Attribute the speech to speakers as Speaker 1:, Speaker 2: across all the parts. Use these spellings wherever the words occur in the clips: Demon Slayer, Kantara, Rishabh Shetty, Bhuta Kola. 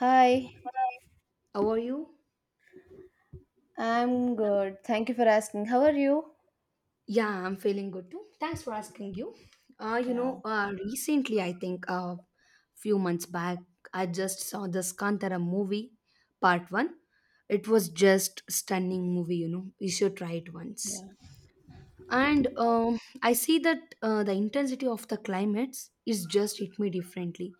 Speaker 1: Hi,
Speaker 2: How are you?
Speaker 1: I'm good. Thank you for asking. How are you?
Speaker 2: Yeah, I'm feeling good too. Thanks for asking you.
Speaker 1: Yeah.
Speaker 2: Recently, I think a few months back, I just saw this Kantara movie, part one. It was just stunning movie, you know. You should try it once. And I see that the intensity of the climates is just hit me differently.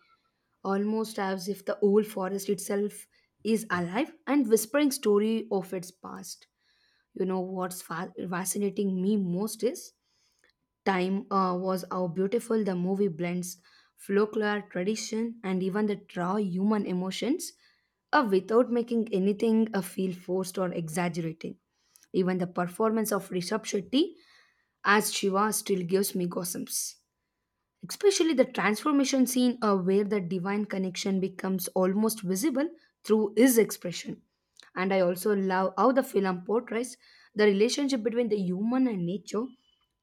Speaker 2: Almost as if the old forest itself is alive and whispering story of its past. You know what's fascinating me most is time was how beautiful the movie blends folklore, tradition, and even the raw human emotions without making anything feel forced or exaggerating. Even the performance of Rishabh Shetty as Shiva still gives me gossips, especially the transformation scene where the divine connection becomes almost visible through his expression. And I also love how the film portrays the relationship between the human and nature,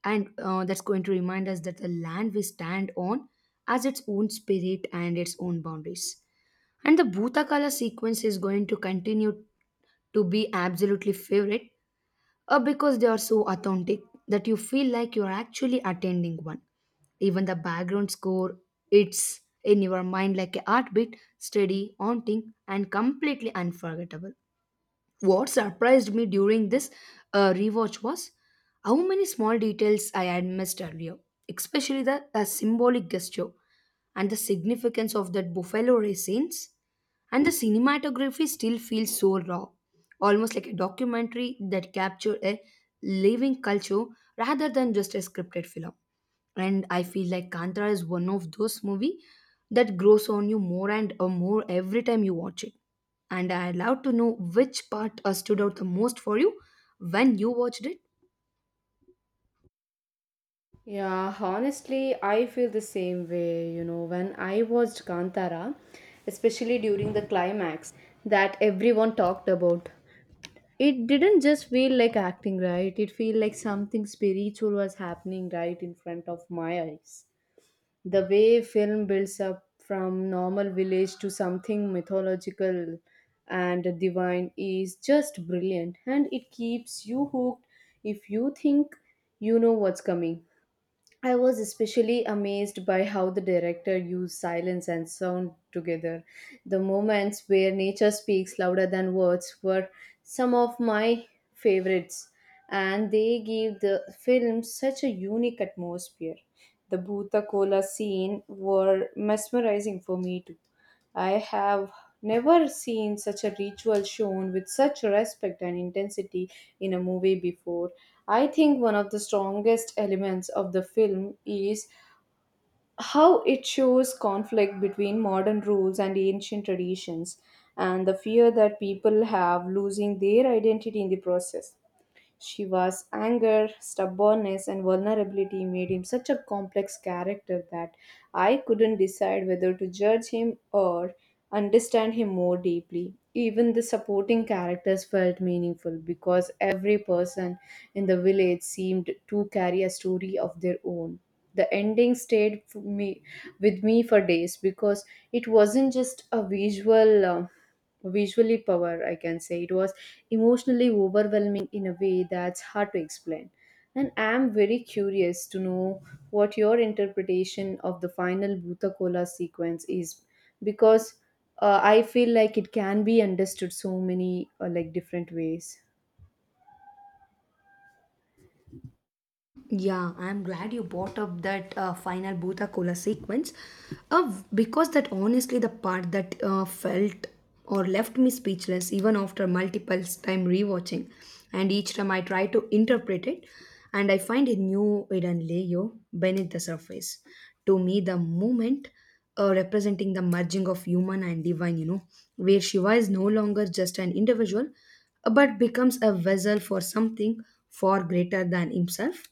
Speaker 2: and that's going to remind us that the land we stand on has its own spirit and its own boundaries. And the Bhutakala sequence is going to continue to be absolutely favorite because they are so authentic that you feel like you're actually attending one. Even the background score, it's in your mind like a heartbeat, steady, haunting, and completely unforgettable. What surprised me during this rewatch was how many small details I had missed earlier, especially the symbolic gesture and the significance of that buffalo race scenes. And the cinematography still feels so raw, almost like a documentary that captured a living culture rather than just a scripted film. And I feel like Kantara is one of those movies that grows on you more and more every time you watch it. And I'd love to know which part stood out the most for you when you watched it.
Speaker 1: Yeah, honestly, I feel the same way. You know, when I watched Kantara, especially during the climax that everyone talked about, it didn't just feel like acting, right? It feel like something spiritual was happening right in front of my eyes. The way film builds up from normal village to something mythological and divine is just brilliant, and it keeps you hooked if you think you know what's coming. I was especially amazed by how the director used silence and sound together. The moments where nature speaks louder than words were some of my favorites, and they give the film such a unique atmosphere. The Bhuta Kola scene were mesmerizing for me too. I have never seen such a ritual shown with such respect and intensity in a movie before. I think one of the strongest elements of the film is how it shows conflict between modern rules and ancient traditions, and the fear that people have losing their identity in the process. Shiva's anger, stubbornness, and vulnerability made him such a complex character that I couldn't decide whether to judge him or understand him more deeply. Even the supporting characters felt meaningful because every person in the village seemed to carry a story of their own. The ending stayed for me, with me for days, because it wasn't just a visual. Visually power, I can say, it was emotionally overwhelming in a way that's hard to explain, and I am very curious to know what your interpretation of the final bhutakola sequence is, because I feel like it can be understood so many like different ways.
Speaker 2: Yeah, I'm glad you brought up that final Bhuta Kola sequence because that honestly the part that felt or left me speechless even after multiple time rewatching. And each time I try to interpret it and I find a new hidden layer beneath the surface. To me, the moment representing the merging of human and divine, you know, where Shiva is no longer just an individual, but becomes a vessel for something far greater than himself,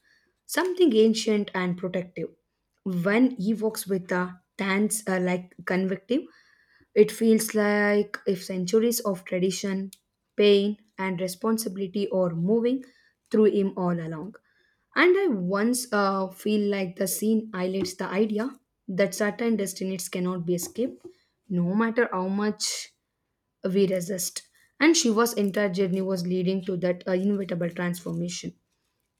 Speaker 2: something ancient and protective. When he walks with the hands like convective, it feels like if centuries of tradition, pain, and responsibility are moving through him all along. And I once feel like the scene highlights the idea that certain destinies cannot be escaped, no matter how much we resist. And Shiva's entire journey was leading to that inevitable transformation.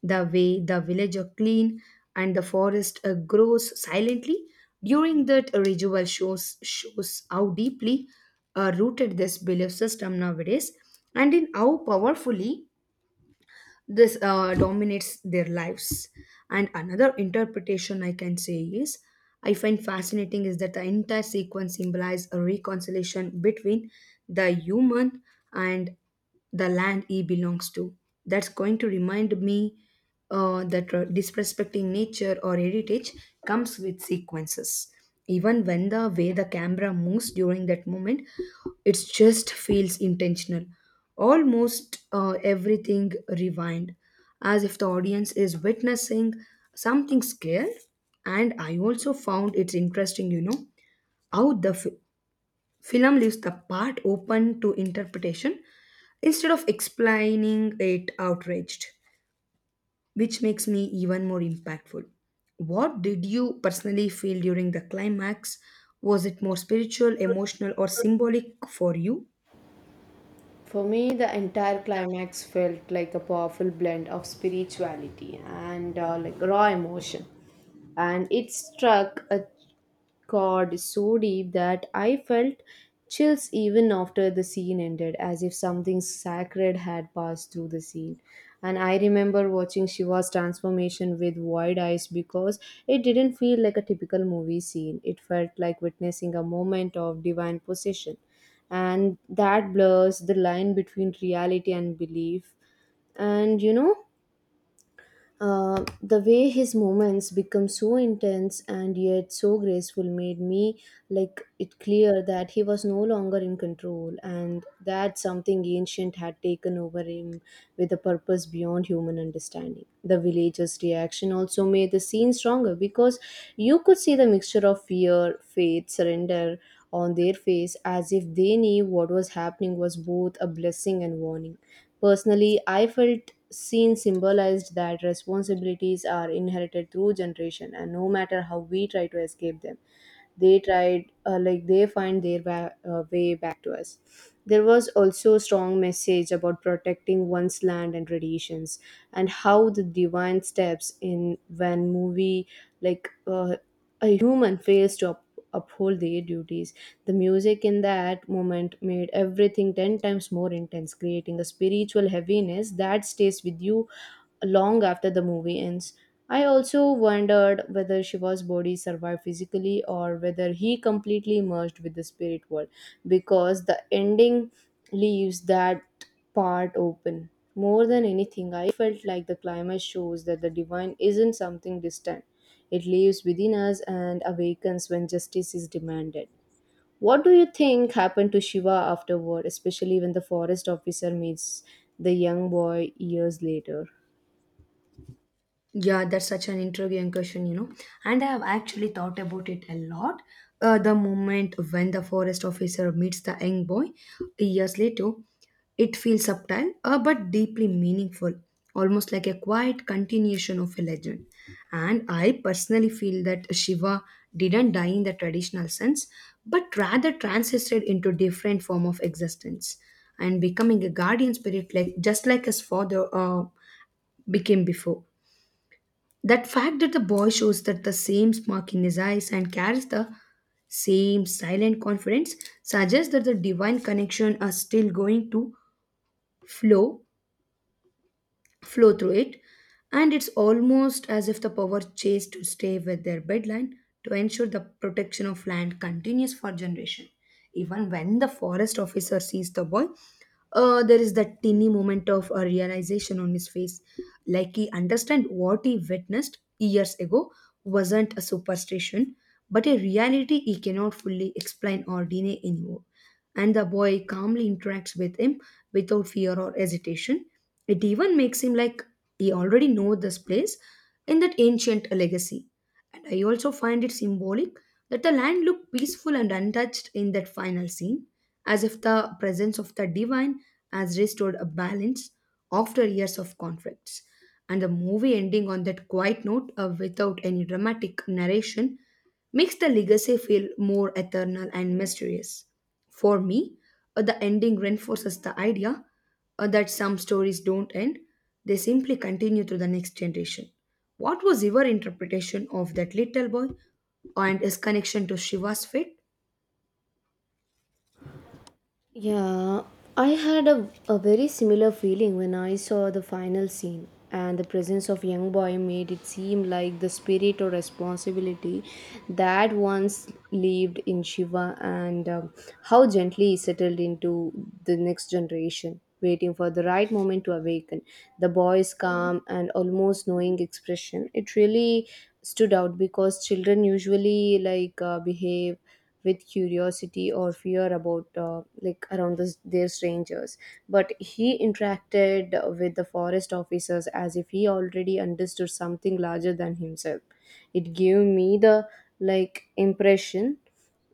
Speaker 2: The way the village are clean and the forest grows silently during that ritual shows how deeply rooted this belief system nowadays and in how powerfully this dominates their lives. And another interpretation I can say is I find fascinating is that the entire sequence symbolizes a reconciliation between the human and the land he belongs to. That's going to remind me that disrespecting nature or heritage comes with sequences. Even when the way the camera moves during that moment, it just feels intentional. Almost everything rewind, as if the audience is witnessing something scared. And I also found it's interesting, you know, how the film leaves the part open to interpretation instead of explaining it outraged, which makes me even more impactful. What did you personally feel during the climax? Was it more spiritual, emotional, or symbolic for you?
Speaker 1: For me, the entire climax felt like a powerful blend of spirituality and like raw emotion, and it struck a chord so deep that I felt chills even after the scene ended, as if something sacred had passed through the scene. And I remember watching Shiva's transformation with wide eyes because it didn't feel like a typical movie scene. It felt like witnessing a moment of divine possession. And that blurs the line between reality and belief. And you know, the way his moments become so intense and yet so graceful made me like it clear that he was no longer in control, and that something ancient had taken over him with a purpose beyond human understanding. The villagers' reaction also made the scene stronger because you could see the mixture of fear, faith, surrender on their face, as if they knew what was happening was both a blessing and warning. Personally, I felt seen symbolized that responsibilities are inherited through generation, and no matter how we try to escape them, they tried like they find their way back to us. There was also a strong message about protecting one's land and traditions, and how the divine steps in when movie like a human fails to uphold their duties. The music in that moment made everything 10 times more intense, creating a spiritual heaviness that stays with you long after the movie ends. I also wondered whether Shiva's body survived physically or whether he completely merged with the spirit world, because the ending leaves that part open. More than anything, I felt like the climax shows that the divine isn't something distant. It lives within us and awakens when justice is demanded. What do you think happened to Shiva afterward, especially when the forest officer meets the young boy years later?
Speaker 2: Yeah, that's such an intriguing question, you know. And I have actually thought about it a lot. The moment when the forest officer meets the young boy years later, it feels subtle but deeply meaningful, almost like a quiet continuation of a legend. And I personally feel that Shiva didn't die in the traditional sense, but rather transisted into different form of existence and becoming a guardian spirit, like just like his father became before. That fact that the boy shows that the same smirk in his eyes and carries the same silent confidence suggests that the divine connection are still going to flow flow through it, and it's almost as if the power chased to stay with their bedline to ensure the protection of land continues for generation. Even when the forest officer sees the boy, there is that teeny moment of a realization on his face, like he understand what he witnessed years ago wasn't a superstition, but a reality he cannot fully explain or deny anymore. And the boy calmly interacts with him without fear or hesitation, it even makes him like he already know this place in that ancient legacy. And I also find it symbolic that the land looked peaceful and untouched in that final scene, as if the presence of the divine has restored a balance after years of conflicts. And the movie ending on that quiet note without any dramatic narration makes the legacy feel more eternal and mysterious. For me, the ending reinforces the idea that some stories don't end, they simply continue to the next generation. What was your interpretation of that little boy and his connection to Shiva's fate?
Speaker 1: Yeah, I had a very similar feeling when I saw the final scene, and the presence of young boy made it seem like the spirit or responsibility that once lived in Shiva, and how gently he settled into the next generation, waiting for the right moment to awaken. The boy's calm and almost knowing expression, it really stood out because children usually like behave with curiosity or fear about like around this, their strangers, but he interacted with the forest officers as if he already understood something larger than himself. It gave me the like impression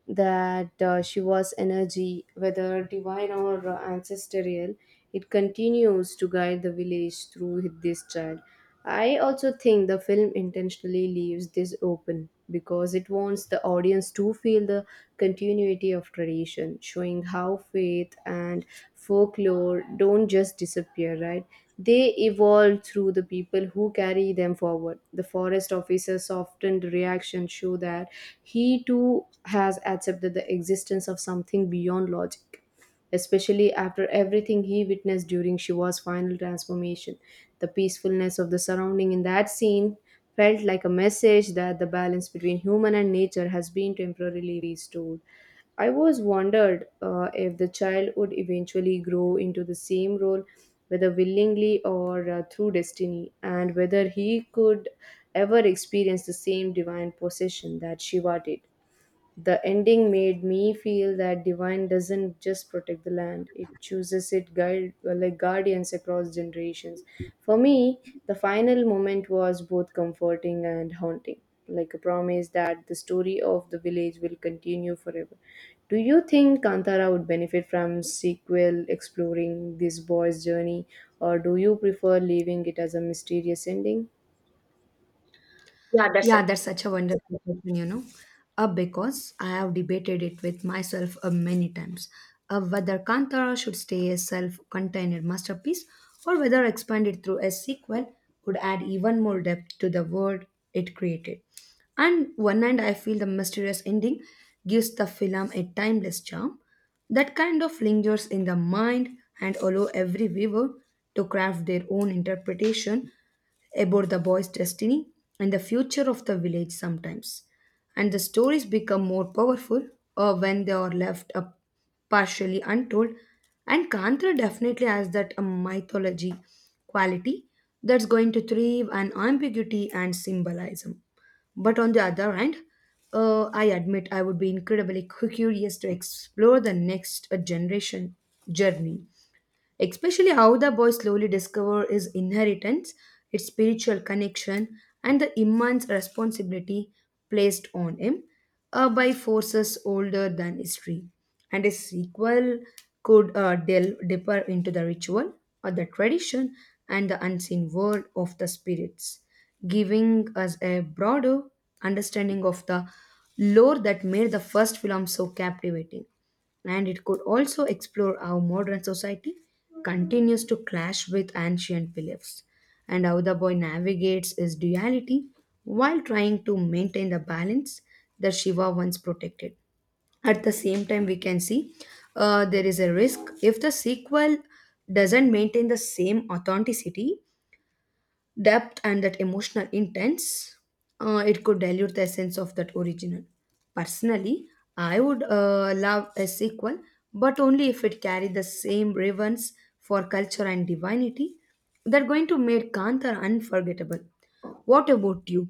Speaker 1: that she was energy, whether divine or ancestral, it continues to guide the village through this child. I also think the film intentionally leaves this open because it wants the audience to feel the continuity of tradition, showing how faith and folklore don't just disappear, right? They evolve through the people who carry them forward. The forest officer's softened reaction show that he too has accepted the existence of something beyond logic. Especially after everything he witnessed during Shiva's final transformation, the peacefulness of the surrounding in that scene felt like a message that the balance between human and nature has been temporarily restored. I was wondered if the child would eventually grow into the same role, whether willingly or through destiny, and whether he could ever experience the same divine possession that Shiva did. The ending made me feel that divine doesn't just protect the land; it chooses it guide well, like guardians across generations. For me, the final moment was both comforting and haunting, like a promise that the story of the village will continue forever. Do you think Kantara would benefit from sequel exploring this boy's journey, or do you prefer leaving it as a mysterious ending? Yeah, that's
Speaker 2: Yeah, that's such a wonderful question, you know, because I have debated it with myself many times, whether Kantara should stay a self contained masterpiece or whether expanded through a sequel would add even more depth to the world it created. And one end, I feel the mysterious ending gives the film a timeless charm that kind of lingers in the mind and allow every viewer to craft their own interpretation about the boy's destiny and the future of the village sometimes. And the stories become more powerful when they are left up partially untold. And Kantra definitely has that mythology quality that's going to thrive on ambiguity and symbolism. But on the other hand, I admit I would be incredibly curious to explore the next generation journey, especially how the boy slowly discovers his inheritance, its spiritual connection, and the immense responsibility placed on him by forces older than history. And a sequel could delve deeper into the ritual or the tradition and the unseen world of the spirits, giving us a broader understanding of the lore that made the first film so captivating. And it could also explore how modern society continues to clash with ancient beliefs and how the boy navigates his duality while trying to maintain the balance that Shiva once protected. At the same time, we can see there is a risk if the sequel doesn't maintain the same authenticity depth and that emotional intense, it could dilute the essence of that original. Personally, I would love a sequel, but only if it carried the same reverence for culture and divinity. That going to make Kantha unforgettable. What about you?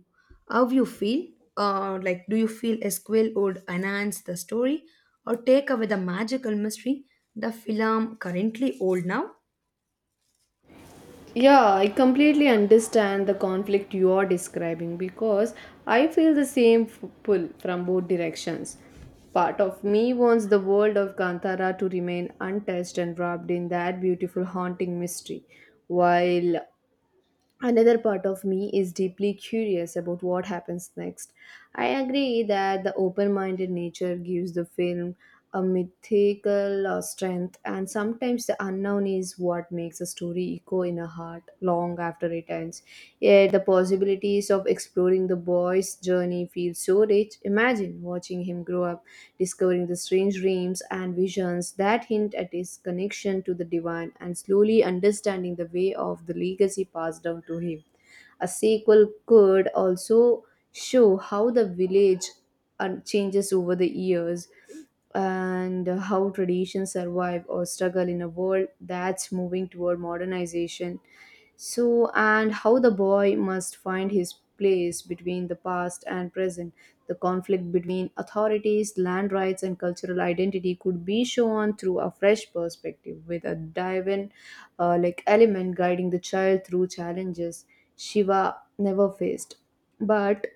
Speaker 2: How you feel? Like, do you feel a sequel would enhance the story or take away the magical mystery the film currently old now?
Speaker 1: Yeah, I completely understand the conflict you are describing, because I feel the same pull from both directions. Part of me wants the world of Kantara to remain untouched and wrapped in that beautiful haunting mystery, while another part of me is deeply curious about what happens next. I agree that the open minded nature gives the film a mythical strength, and sometimes the unknown is what makes a story echo in a heart long after it ends friends. Yet the possibilities of exploring the boy's journey feel so rich. Imagine watching him grow up, discovering the strange dreams and visions that hint at his connection to the divine, and slowly understanding the way of the legacy passed down to him. A sequel could also show how the village changes over the years, and how traditions survive or struggle in a world that's moving toward modernization. So, and how the boy must find his place between the past and present. The conflict between authorities, land rights, and cultural identity could be shown through a fresh perspective, with a divine like element guiding the child through challenges Shiva never faced. But,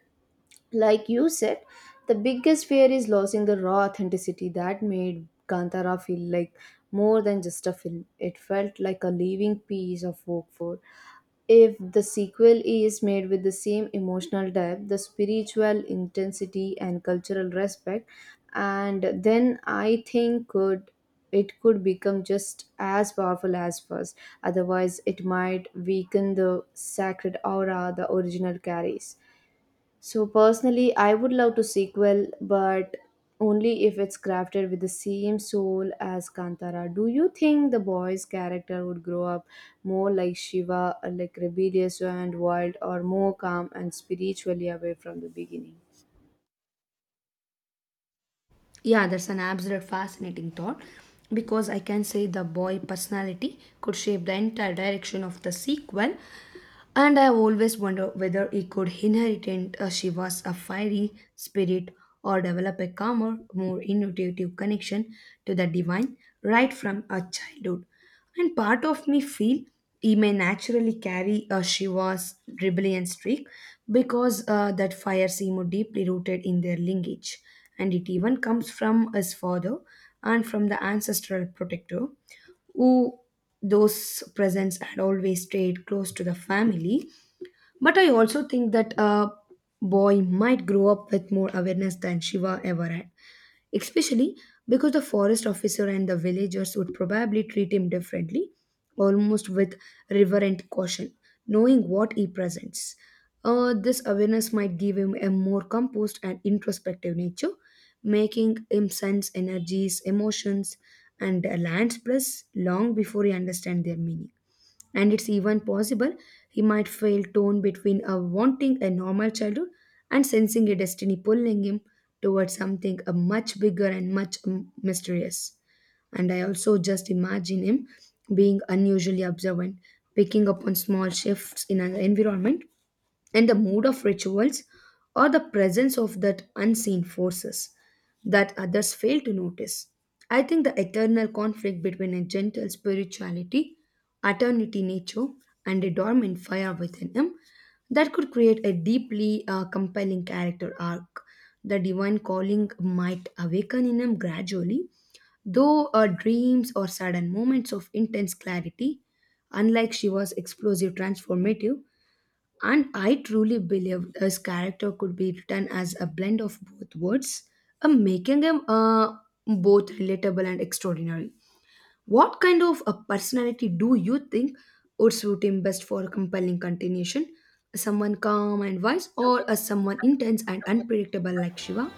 Speaker 1: like you said, the biggest fear is losing the raw authenticity that made Kantara feel like more than just a film. It felt like a living piece of work for. If the sequel is made with the same emotional depth, the spiritual intensity and cultural respect, and then I think could it could become just as powerful as first. Otherwise, it might weaken the sacred aura the original carries. So personally, I would love to sequel, but only if it's crafted with the same soul as Kantara. Do you think the boy's character would grow up more like Shiva, like rebellious and wild, or more calm and spiritually away from the beginning?
Speaker 2: Yeah, that's an absolute fascinating thought because I can say the boy personality could shape the entire direction of the sequel. And I always wonder whether he could inherit Shiva's a fiery spirit or develop a calmer, more intuitive connection to the divine right from a childhood. And part of me feel he may naturally carry a Shiva's rebellion streak because that fire seemed deeply rooted in their lineage. And it even comes from his father and from the ancestral protector who those presents had always stayed close to the family. But I also think that a boy might grow up with more awareness than Shiva ever had, especially because the forest officer and the villagers would probably treat him differently, almost with reverent caution, knowing what he presents. This awareness might give him a more composed and introspective nature, making him sense energies, emotions, and lands plus long before he understands their meaning. And it's even possible he might fail torn between a wanting a normal childhood and sensing a destiny pulling him towards something a much bigger and much mysterious. And I also just imagine him being unusually observant, picking up on small shifts in an environment and the mood of rituals or the presence of that unseen forces that others fail to notice. I think the eternal conflict between a gentle spirituality, eternity nature, and a dormant fire within him that could create a deeply compelling character arc. The divine calling might awaken in him gradually, though dreams or sudden moments of intense clarity, unlike Shiva's explosive transformative, and I truly believe his character could be written as a blend of both words, making him both relatable and extraordinary. What kind of a personality do you think would suit him best for a compelling continuation? Someone calm and wise, or a someone intense and unpredictable like Shiva?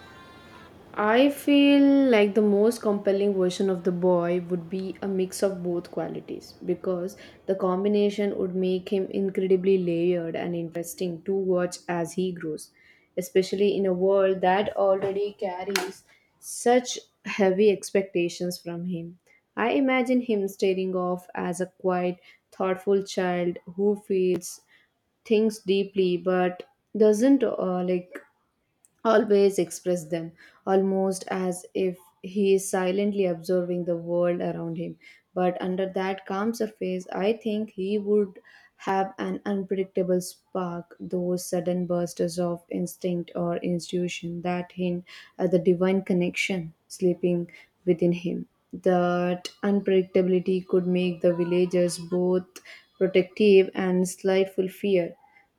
Speaker 1: I feel like the most compelling version of the boy would be a mix of both qualities, because the combination would make him incredibly layered and interesting to watch as he grows, especially in a world that already carries such heavy expectations from him. I imagine him staring off as a quiet, thoughtful child who feels things deeply but doesn't like always express them, almost as if he is silently observing the world around him. But under that calm surface, I think he would have an unpredictable spark, those sudden bursts of instinct or intuition that hint at the divine connection sleeping within him. That unpredictability could make the villagers both protective and slightful fear,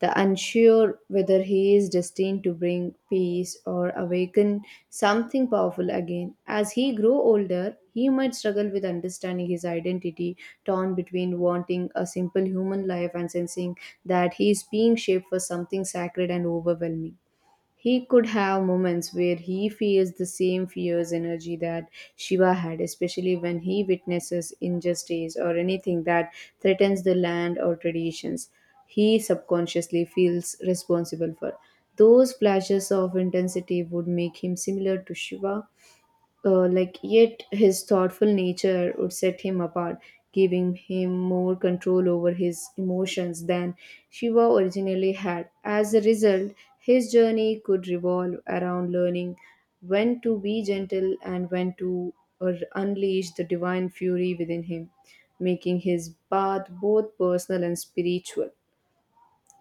Speaker 1: the unsure whether he is destined to bring peace or awaken something powerful again. As he grow older, he might struggle with understanding his identity, torn between wanting a simple human life and sensing that he is being shaped for something sacred and overwhelming. He could have moments where he feels the same fierce energy that Shiva had, especially when he witnesses injustice or anything that threatens the land or traditions he subconsciously feels responsible for. Those flashes of intensity would make him similar to Shiva, like yet his thoughtful nature would set him apart, giving him more control over his emotions than shiva originally had. As a result, his journey could revolve around learning when to be gentle and when to unleash the divine fury within him, making his path both personal and spiritual.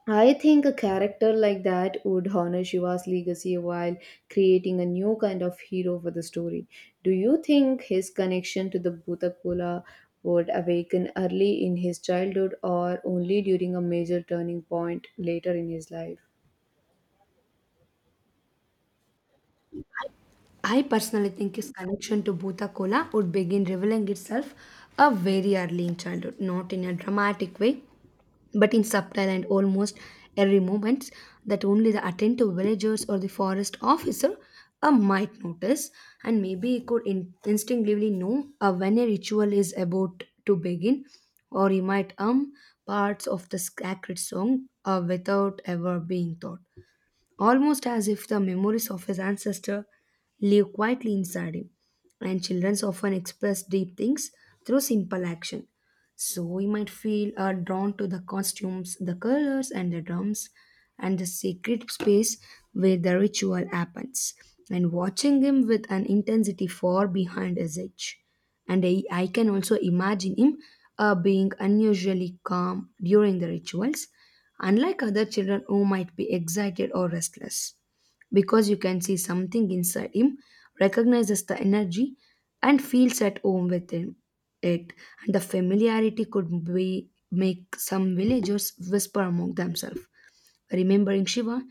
Speaker 1: I think a character like that would honor Shiva's legacy while creating a new kind of hero for the story. Do you think his connection to the Bhutakula would awaken early in his childhood or only during a major turning point later in his life?
Speaker 2: I personally think his connection to Bhuta Kola would begin revealing itself a very early in childhood, not in a dramatic way, but in subtle and almost airy moments that only the attentive villagers or the forest officer might notice, and maybe he could instinctively know when a ritual is about to begin, or he might hum parts of the sacred song without ever being taught, almost as if the memories of his ancestor live quietly inside him. And children often express deep things through simple action. So we might feel drawn to the costumes, the colors, and the drums, and the sacred space where the ritual happens, and watching him with an intensity far behind his age. And I can also imagine him being unusually calm during the rituals, unlike other children who might be excited or restless. Because you can see something inside him, recognizes the energy, and feels at home within it. And the familiarity could be make some villagers whisper among themselves, remembering Shiva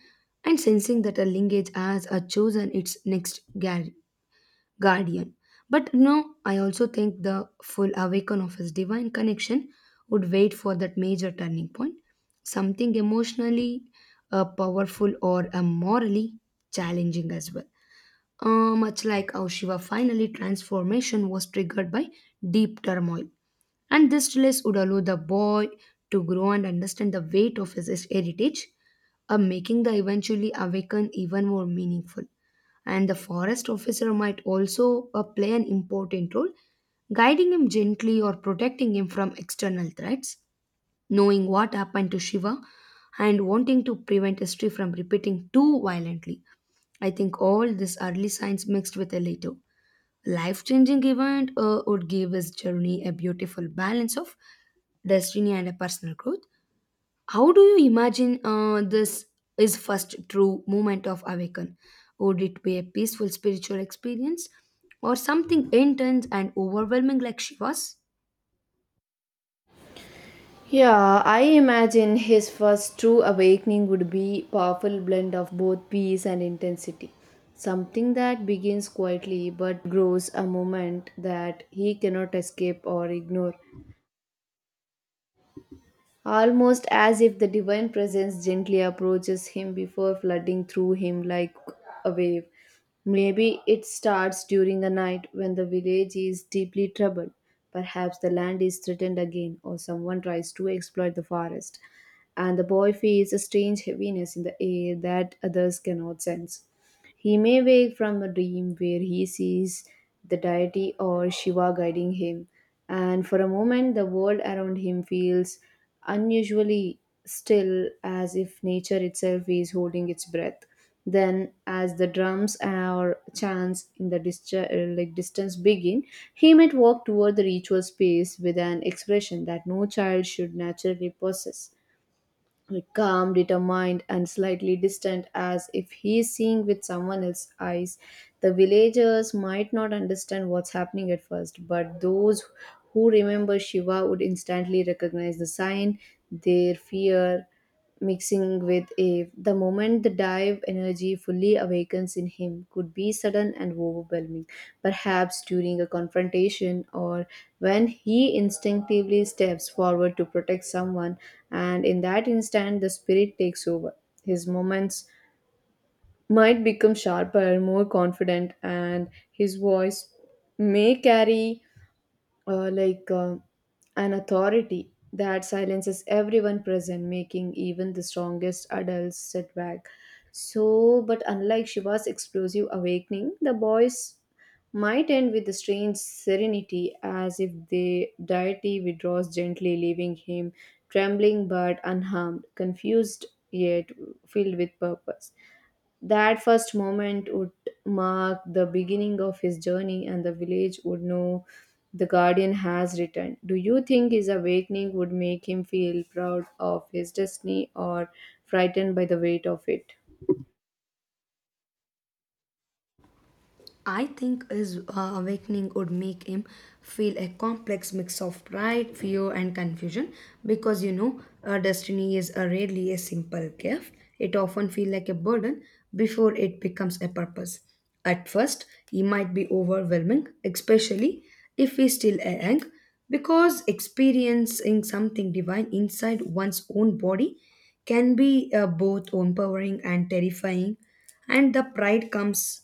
Speaker 2: and sensing that a lineage has chosen its next guardian. But no, I also think the full awaken of his divine connection would wait for that major turning point, something emotionally powerful or morally challenging as well. Much like how Shiva finally transformation was triggered by deep turmoil. And this release would allow the boy to grow and understand the weight of his heritage, making the eventually awaken even more meaningful. And the forest officer might also play an important role, guiding him gently or protecting him from external threats. Knowing what happened to Shiva and wanting to prevent history from repeating too violently, I think all these early signs mixed with a later life-changing event would give his journey a beautiful balance of destiny and a personal growth. How do you imagine this is first true moment of awaken? Would it be a peaceful spiritual experience or something intense and overwhelming like Shiva's?
Speaker 1: Yeah, I imagine his first true awakening would be powerful blend of both peace and intensity. Something that begins quietly but grows a moment that he cannot escape or ignore, almost as if the divine presence gently approaches him before flooding through him like a wave. Maybe it starts during a night when the village is deeply troubled. Perhaps the land is threatened again, or someone tries to exploit the forest, and the boy feels a strange heaviness in the air that others cannot sense. He may wake from a dream where he sees the deity or Shiva guiding him, and for a moment the world around him feels unusually still, as if nature itself is holding its breath. Then as the drums or chants in the distance begin, he might walk toward the ritual space with an expression that no child should naturally possess, like calm, determined, and slightly distant, as if he is seeing with someone else's eyes. The villagers might not understand what's happening at first, but those who remember Shiva would instantly recognize the sign. Their fear, mixing with if the moment the dive energy fully awakens in him could be sudden and overwhelming, perhaps during a confrontation or when he instinctively steps forward to protect someone, and in that instant the spirit takes over. His moments might become sharper, more confident, and his voice may carry uh, like uh, an authority that silences everyone present, making even the strongest adults sit back. So, but unlike Shiva's explosive awakening, the boys might end with a strange serenity, as if the deity withdraws gently, leaving him trembling but unharmed, confused yet filled with purpose. That first moment would mark the beginning of his journey, and the village would know the guardian has returned. Do you think his awakening would make him feel proud of his destiny or frightened by the weight of it?
Speaker 2: I think his awakening would make him feel a complex mix of pride, fear, and confusion, because you know, destiny is rarely a simple gift. It often feels like a burden before it becomes a purpose. At first, he might be overwhelming, especially if he's still young, because experiencing something divine inside one's own body can be both empowering and terrifying, and the pride comes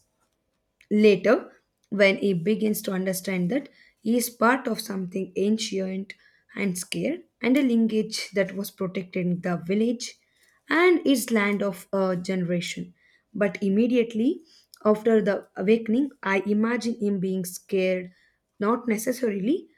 Speaker 2: later, when he begins to understand that he is part of something ancient and scared, and a lineage that was protecting the village and its land of a generation. But immediately after the awakening, I imagine him being scared, not necessarily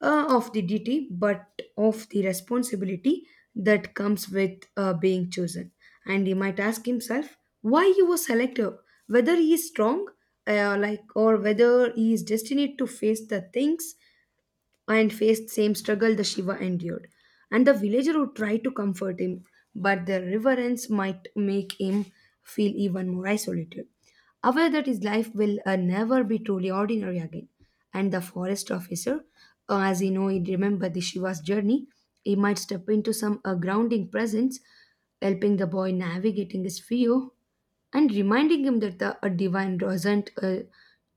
Speaker 2: of the duty, but of the responsibility that comes with being chosen. And he might ask himself why he was selected, whether he is strong, or whether he is destined to face the things and faced same struggle the Shiva endured. And the villager would try to comfort him, but the reverence might make him feel even more isolated, aware that his life will never be truly ordinary again. And the forest officer, as he know, he remembered the Shiva's journey. He might step into some grounding presence, helping the boy navigating his fear and reminding him that the, a divine doesn't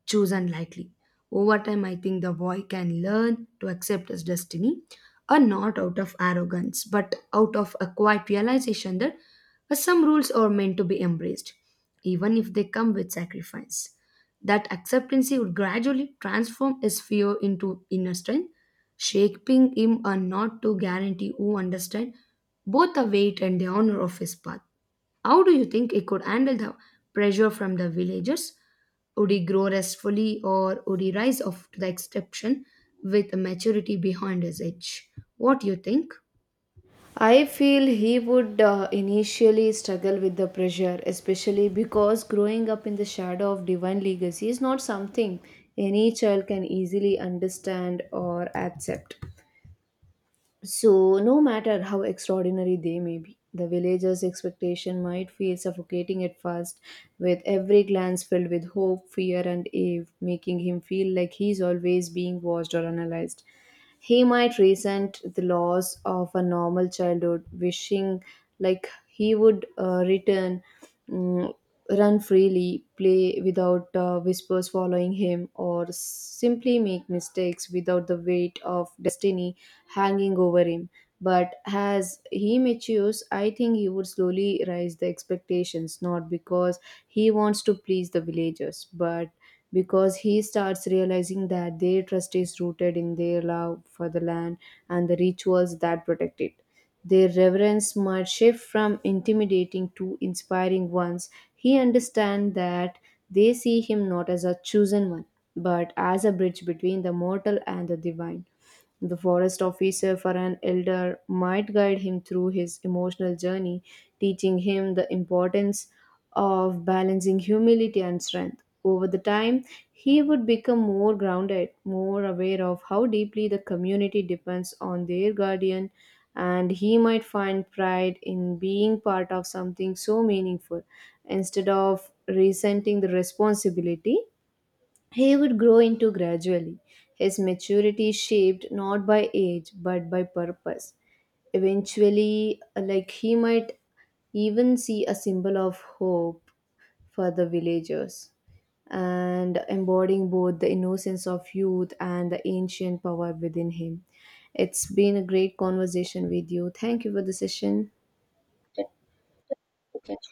Speaker 2: chosen, unlikely. Over time, I think the boy can learn to accept his destiny, not out of arrogance, but out of a quiet realization that some rules are meant to be embraced, even if they come with sacrifice. That acceptance would gradually transform his fear into inner strength, shaping him a not to guarantee who understand both the weight and the honor of his path. How do you think he could handle the pressure from the villagers? Would he grow restfully or would he rise off to the exception with a maturity behind his age? What do you think?
Speaker 1: I feel he would initially struggle with the pressure, especially because growing up in the shadow of divine legacy is not something any child can easily understand or accept. So, no matter how extraordinary they may be, the villagers' expectation might feel suffocating at first, with every glance filled with hope, fear, and awe, making him feel like he's always being watched or analyzed. He might resent the loss of a normal childhood, wishing like he would return, mm, run freely, play without whispers following him, or simply make mistakes without the weight of destiny hanging over him. But as he matures, I think he would slowly raise the expectations, not because he wants to please the villagers, but because he starts realizing that their trust is rooted in their love for the land and the rituals that protect it. Their reverence might shift from intimidating to inspiring ones. He understands that they see him not as a chosen one, but as a bridge between the mortal and the divine. The forest officer for an elder might guide him through his emotional journey, teaching him the importance of balancing humility and strength. Over the time, he would become more grounded, more aware of how deeply the community depends on their guardian, and he might find pride in being part of something so meaningful instead of resenting the responsibility. He would grow into gradually, his maturity shaped not by age but by purpose. Eventually, like he might even see a symbol of hope for the villagers and embodying both the innocence of youth and the ancient power within him. It's been a great conversation with you. Thank you for the session.